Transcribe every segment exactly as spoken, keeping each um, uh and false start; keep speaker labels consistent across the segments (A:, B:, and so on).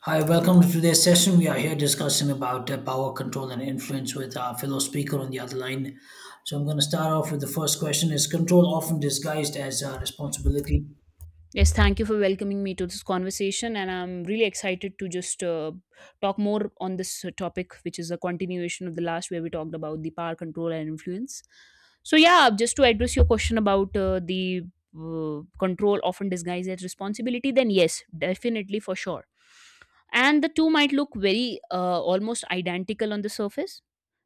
A: Hi, welcome to today's session. We are here discussing about uh, power control and influence with our fellow speaker on the other line. So I'm going to start off with the first question: Is control often disguised as uh, responsibility?
B: Yes, thank you for welcoming me to this conversation, and I'm really excited to just uh, talk more on this uh, topic, which is a continuation of the last where we talked about the power control and influence. So, yeah, just to address your question about uh, the uh, control often disguised as responsibility, then yes, definitely for sure. And the two might look very uh, almost identical on the surface,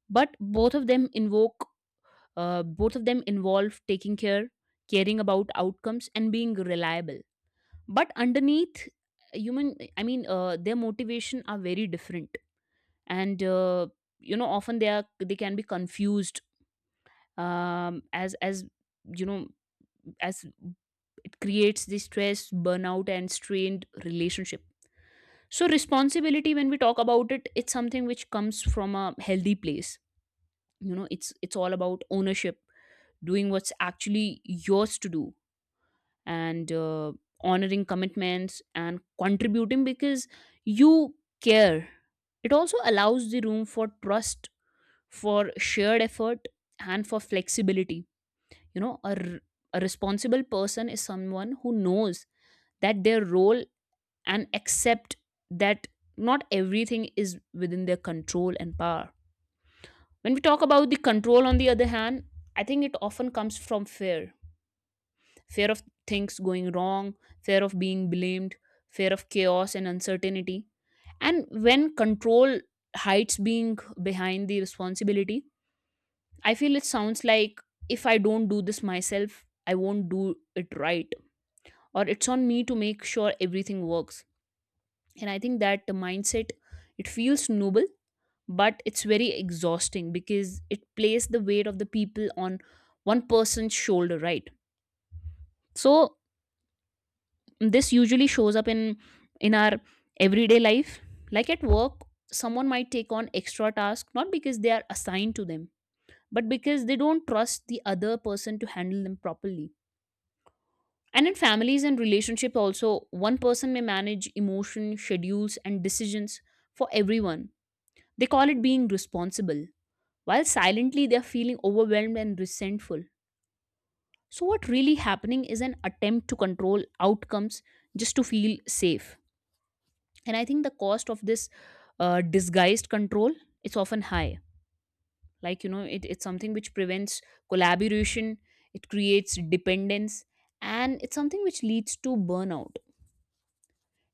B: but both of them invoke, uh, both of them involve taking care, caring about outcomes, and being reliable, but underneath human I mean uh, their motivation are very different. And uh, you know, often they are they can be confused um, as as you know as it creates the stress, burnout and strained relationship. So responsibility, when we talk about it, it's something which comes from a healthy place. You know, it's it's all about ownership, doing what's actually yours to do, and uh, honoring commitments and contributing because you care. It also allows the room for trust, for shared effort, and for flexibility. You know, a, r- a responsible person is someone who knows that their role, and accept that not everything is within their control and power. When we talk about the control, on the other hand, I think it often comes from fear, fear of things going wrong, fear of being blamed, fear of chaos and uncertainty. And when control hides being behind the responsibility, I feel it sounds like, if I don't do this myself, I won't do it right, or it's on me to make sure everything works. And I think that the mindset, it feels noble, but it's very exhausting because it plays the weight of the people on one person's shoulder, right? So this usually shows up in in our everyday life, like at work someone might take on extra tasks not because they are assigned to them but because they don't trust the other person to handle them properly. And in families and relationships also, one person may manage emotion, schedules and decisions for everyone. They call it being responsible, while silently they are feeling overwhelmed and resentful. So what really happening is an attempt to control outcomes just to feel safe. And I think the cost of this uh, disguised control is often high. Like, you know it, it's something which prevents collaboration, it creates dependence, and it's something which leads to burnout.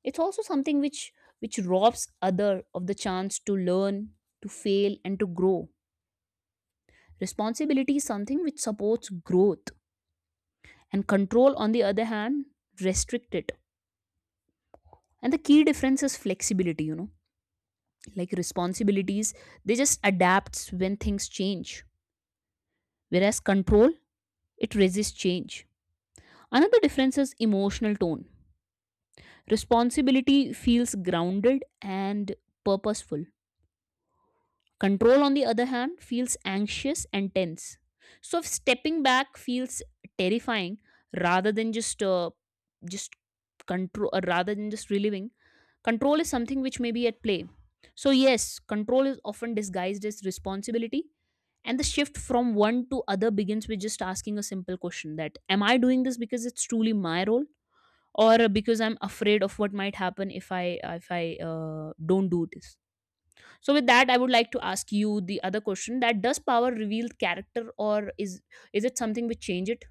B: It's also something which which robs other of the chance to learn, to fail and to grow. Responsibility is something which supports growth, and control, on the other hand, restrict it. And the key difference is flexibility, you know, like responsibilities, they just adapts when things change, whereas control, it resists change. Another difference is emotional tone. Responsibility feels grounded and purposeful. Control, on the other hand, feels anxious and tense. So if stepping back feels terrifying rather than just uh, just control, uh, rather than just reliving, control is something which may be at play. So yes, control is often disguised as responsibility, and the shift from one to other begins with just asking a simple question: that am I doing this because it's truly my role, or because I'm afraid of what might happen if I if I uh, don't do this? So with that, I would like to ask you the other question, that does power reveal character, or is is it something which change it?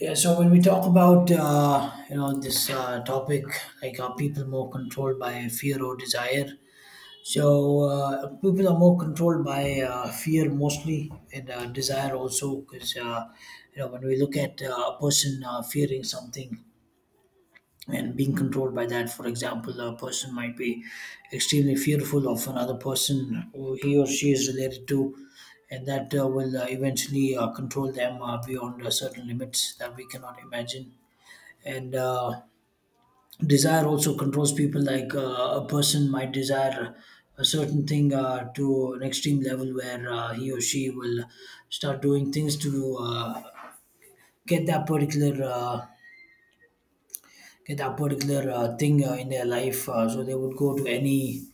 A: Yeah. So when we talk about uh, you know this uh, topic, like are people more controlled by fear or desire? So uh, people are more controlled by uh, fear mostly and uh, desire also, because uh, you know when we look at uh, a person uh, fearing something and being controlled by that. For example, a person might be extremely fearful of another person who he or she is related to, and that uh, will uh, eventually uh, control them uh, beyond uh, certain limits that we cannot imagine. And uh, desire also controls people, like uh, a person might desire a certain thing uh, to an extreme level where uh, he or she will start doing things to uh, get that particular. Uh, get that particular uh, thing uh, in their life uh, so they would go to any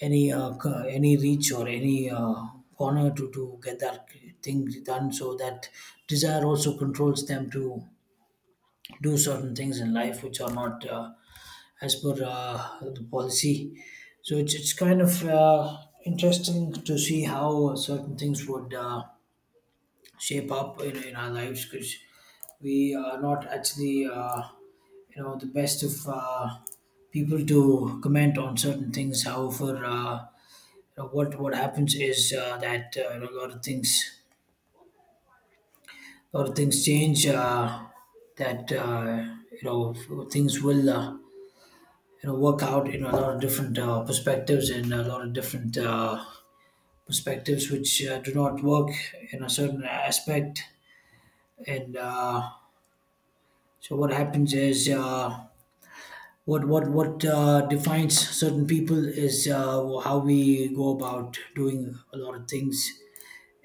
A: any uh, c- any reach or any uh, corner to, to get that thing done so that desire also controls them to do certain things in life which are not uh, as per uh, the policy. So it's, it's kind of uh, interesting to see how certain things would uh, shape up in, in our lives, because we are not actually uh, you know the best of uh, people to comment on certain things. However, uh, you know, what what happens is uh, that uh, you know, a lot of things a lot of things change, uh, that uh, you know things will uh, you know work out in a lot of different uh, perspectives, and a lot of different uh, perspectives which uh, do not work in a certain aspect. And uh, So what happens is uh, what what what uh, defines certain people is uh, how we go about doing a lot of things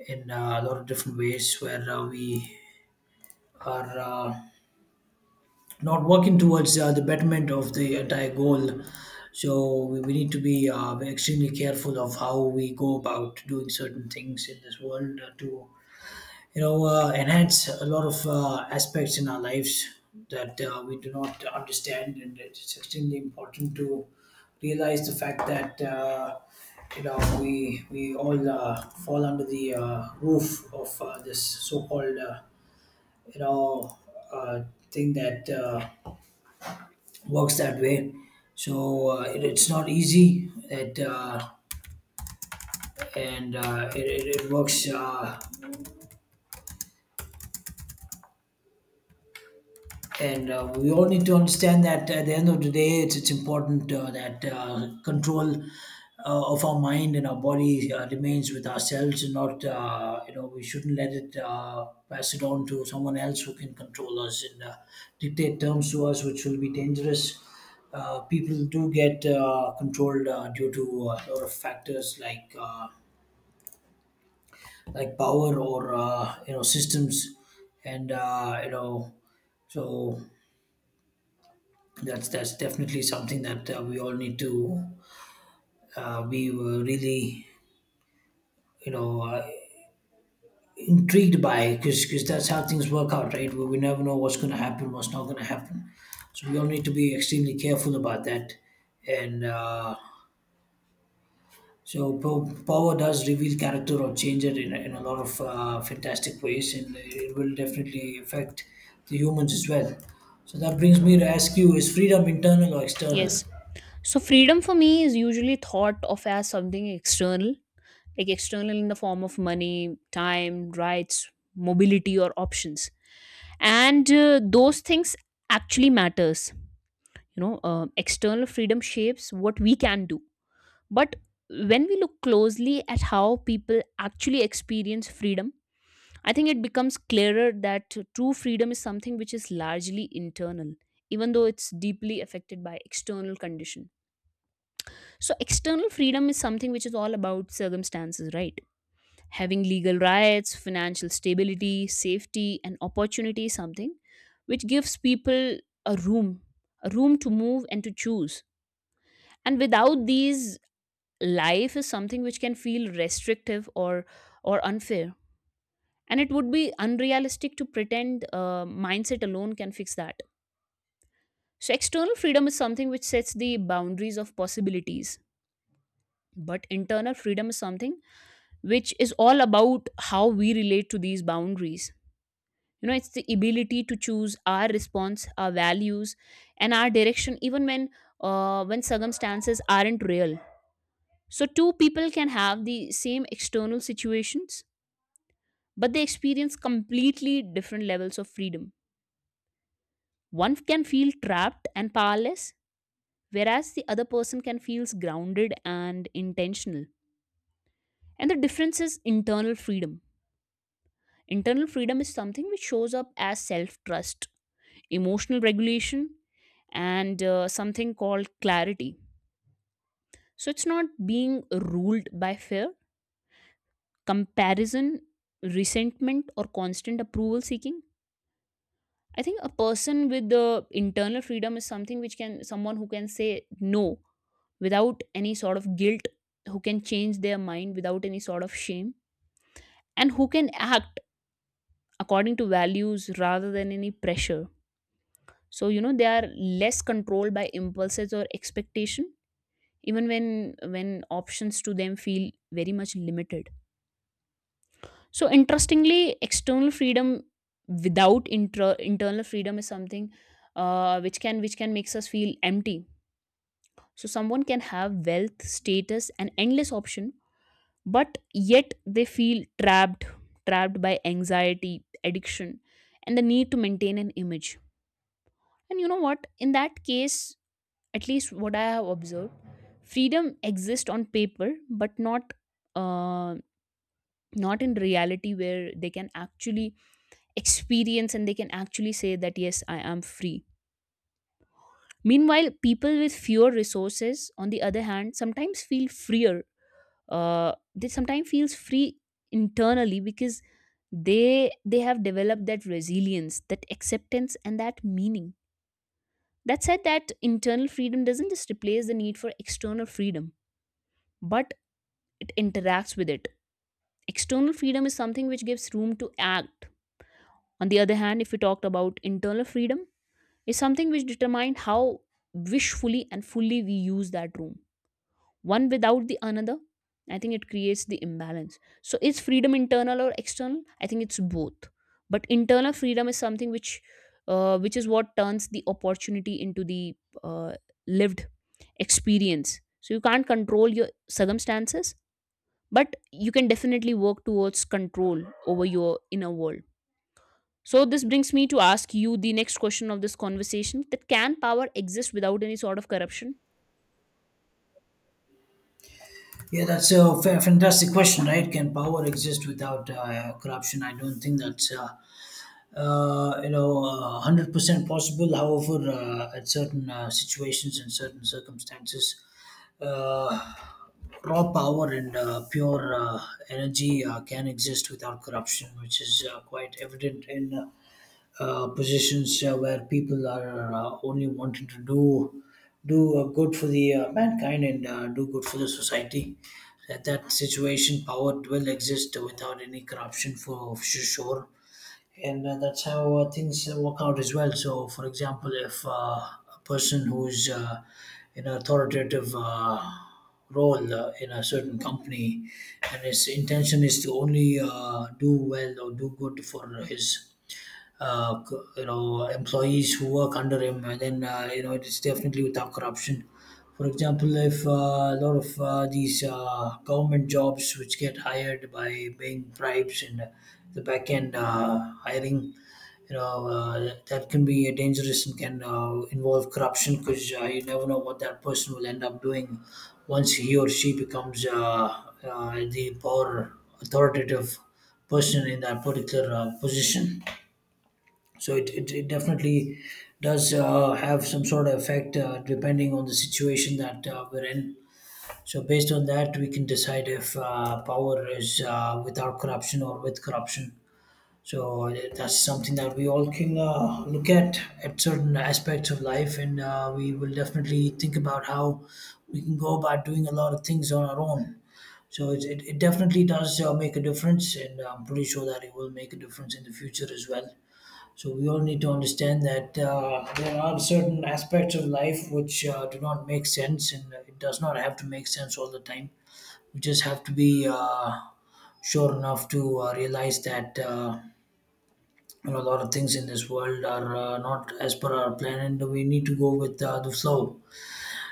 A: in uh, a lot of different ways, where uh, we are uh, not working towards uh, the betterment of the entire goal. So we, we need to be uh, extremely careful of how we go about doing certain things in this world uh, to you know uh, enhance a lot of uh, aspects in our lives that uh, we do not understand, and it's extremely important to realize the fact that uh, you know we we all uh, fall under the uh, roof of uh, this so-called uh, you know uh, thing that uh, works that way. So uh, it, it's not easy, it uh, and uh, it, it, it works, uh, and uh, we all need to understand that at the end of the day it's, it's important uh, that uh, control uh, of our mind and our body uh, remains with ourselves, and not uh, you know we shouldn't let it uh, pass it on to someone else who can control us and uh, dictate terms to us which will be dangerous. Uh, people do get uh, controlled uh, due to a lot of factors, like uh, like power or uh, you know systems and uh, you know so that's that's definitely something that uh, we all need to uh, be uh, really you know uh, intrigued by, because that's how things work out, right? We, we never know what's going to happen, what's not going to happen, so we all need to be extremely careful about that. And uh, so po- power does reveal character or change it in, a- in a lot of uh, fantastic ways, and it will definitely affect the humans as well. So that brings me to ask you: is freedom internal or external?
B: Yes. So freedom for me is usually thought of as something external, like external in the form of money, time, rights, mobility or options. And uh, those things actually matters. You know, uh, external freedom shapes what we can do. But when we look closely at how people actually experience freedom, I think it becomes clearer that true freedom is something which is largely internal, even though it's deeply affected by external condition. So external freedom is something which is all about circumstances, right? Having legal rights, financial stability, safety, and opportunity is something which gives people a room, a room to move and to choose. And without these, life is something which can feel restrictive or or unfair, and it would be unrealistic to pretend uh, mindset alone can fix that. So external freedom is something which sets the boundaries of possibilities, but internal freedom is something which is all about how we relate to these boundaries. You know, it's the ability to choose our response, our values, and our direction, even when uh, when circumstances aren't real. So two people can have the same external situations, but they experience completely different levels of freedom. One can feel trapped and powerless, whereas the other person can feels grounded and intentional. And the difference is internal freedom. Internal freedom is something which shows up as self trust, emotional regulation, and uh, something called clarity. So it's not being ruled by fear, comparison, resentment or constant approval seeking. I think a person with the internal freedom is something which can, someone who can say no without any sort of guilt, who can change their mind without any sort of shame, and who can act according to values rather than any pressure. So you know, they are less controlled by impulses or expectation, even when when options to them feel very much limited. So interestingly, external freedom without intra- internal freedom is something uh, which can which can makes us feel empty. So someone can have wealth, status, and endless option, but yet they feel trapped, trapped by anxiety, addiction, and the need to maintain an image. And you know what? In that case, at least what I have observed, freedom exists on paper, but not uh, not in reality, where they can actually experience, and they can actually say that yes, I am free. Meanwhile, people with fewer resources, on the other hand, sometimes feel freer. Uh, they sometimes feels free internally, because they they have developed that resilience, that acceptance and that meaning. That said, that internal freedom doesn't just replace the need for external freedom, but it interacts with it. External freedom is something which gives room to act. On the other hand, if we talked about internal freedom, is something which determines how wishfully and fully we use that room. One without the another, I think it creates the imbalance. So is freedom internal or external? I think it's both, but internal freedom is something which uh, which is what turns the opportunity into the uh, lived experience. So you can't control your circumstances, but you can definitely work towards control over your inner world. So this brings me to ask you the next question of this conversation, that can power exist without any sort of corruption?
A: Yeah, that's a fa- fantastic question, right? Can power exist without uh, corruption? I don't think that's uh, uh, you know uh, hundred percent possible. However, uh, at certain uh, situations and certain circumstances, uh, raw power and uh, pure uh, energy uh, can exist without corruption, which is uh, quite evident in uh, uh, positions uh, where people are uh, only wanting to do do uh, good for the uh, mankind and uh, do good for the society. That that situation, power will exist without any corruption for, for sure, and uh, that's how uh, things uh, work out as well. So, for example, if uh, a person who's uh, in an authoritative uh, role uh, in a certain company, and his intention is to only uh, do well or do good for his uh, c- you know employees who work under him, and then uh, you know it is definitely without corruption. For example, if uh, a lot of uh, these uh, government jobs which get hired by paying bribes, and uh, the back end uh, hiring, you know uh, that can be dangerous and can uh, involve corruption, because uh, you never know what that person will end up doing once he or she becomes uh, uh, the power authoritative person in that particular uh, position. So it, it, it definitely does uh, have some sort of effect uh, depending on the situation that uh, we're in. So based on that, we can decide if uh, power is uh, without corruption or with corruption. So uh, that's something that we all can uh, look at at certain aspects of life, and uh, we will definitely think about how we can go about doing a lot of things on our own. So it, it, it definitely does uh, make a difference, and I'm pretty sure that it will make a difference in the future as well. So we all need to understand that uh, there are certain aspects of life which uh, do not make sense, and it does not have to make sense all the time. We just have to be uh, sure enough to uh, realize that uh, you know, a lot of things in this world are uh, not as per our plan, and we need to go with uh, the flow.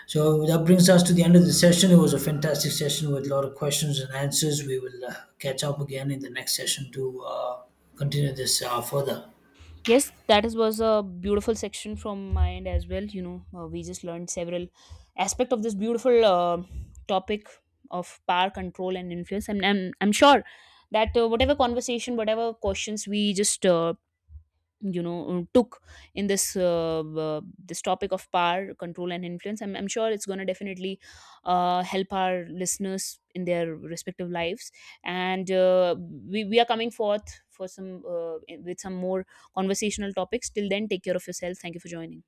A: So that brings us to the end of the session. It was a fantastic session with a lot of questions and answers. We will uh, catch up again in the next session to uh, continue this uh, further.
B: Yes, that is, was a beautiful section from my end as well. You know, uh, we just learned several aspect of this beautiful uh, topic of power control and influence. And I'm, I'm sure that uh, whatever conversation, whatever questions we just uh, you know uh, took in this uh, uh, this topic of power control and influence, i'm, I'm sure it's going to definitely uh, help our listeners in their respective lives. And uh, we, we are coming forth for some uh, with some more conversational topics. Till then, take care of yourself. Thank you for joining.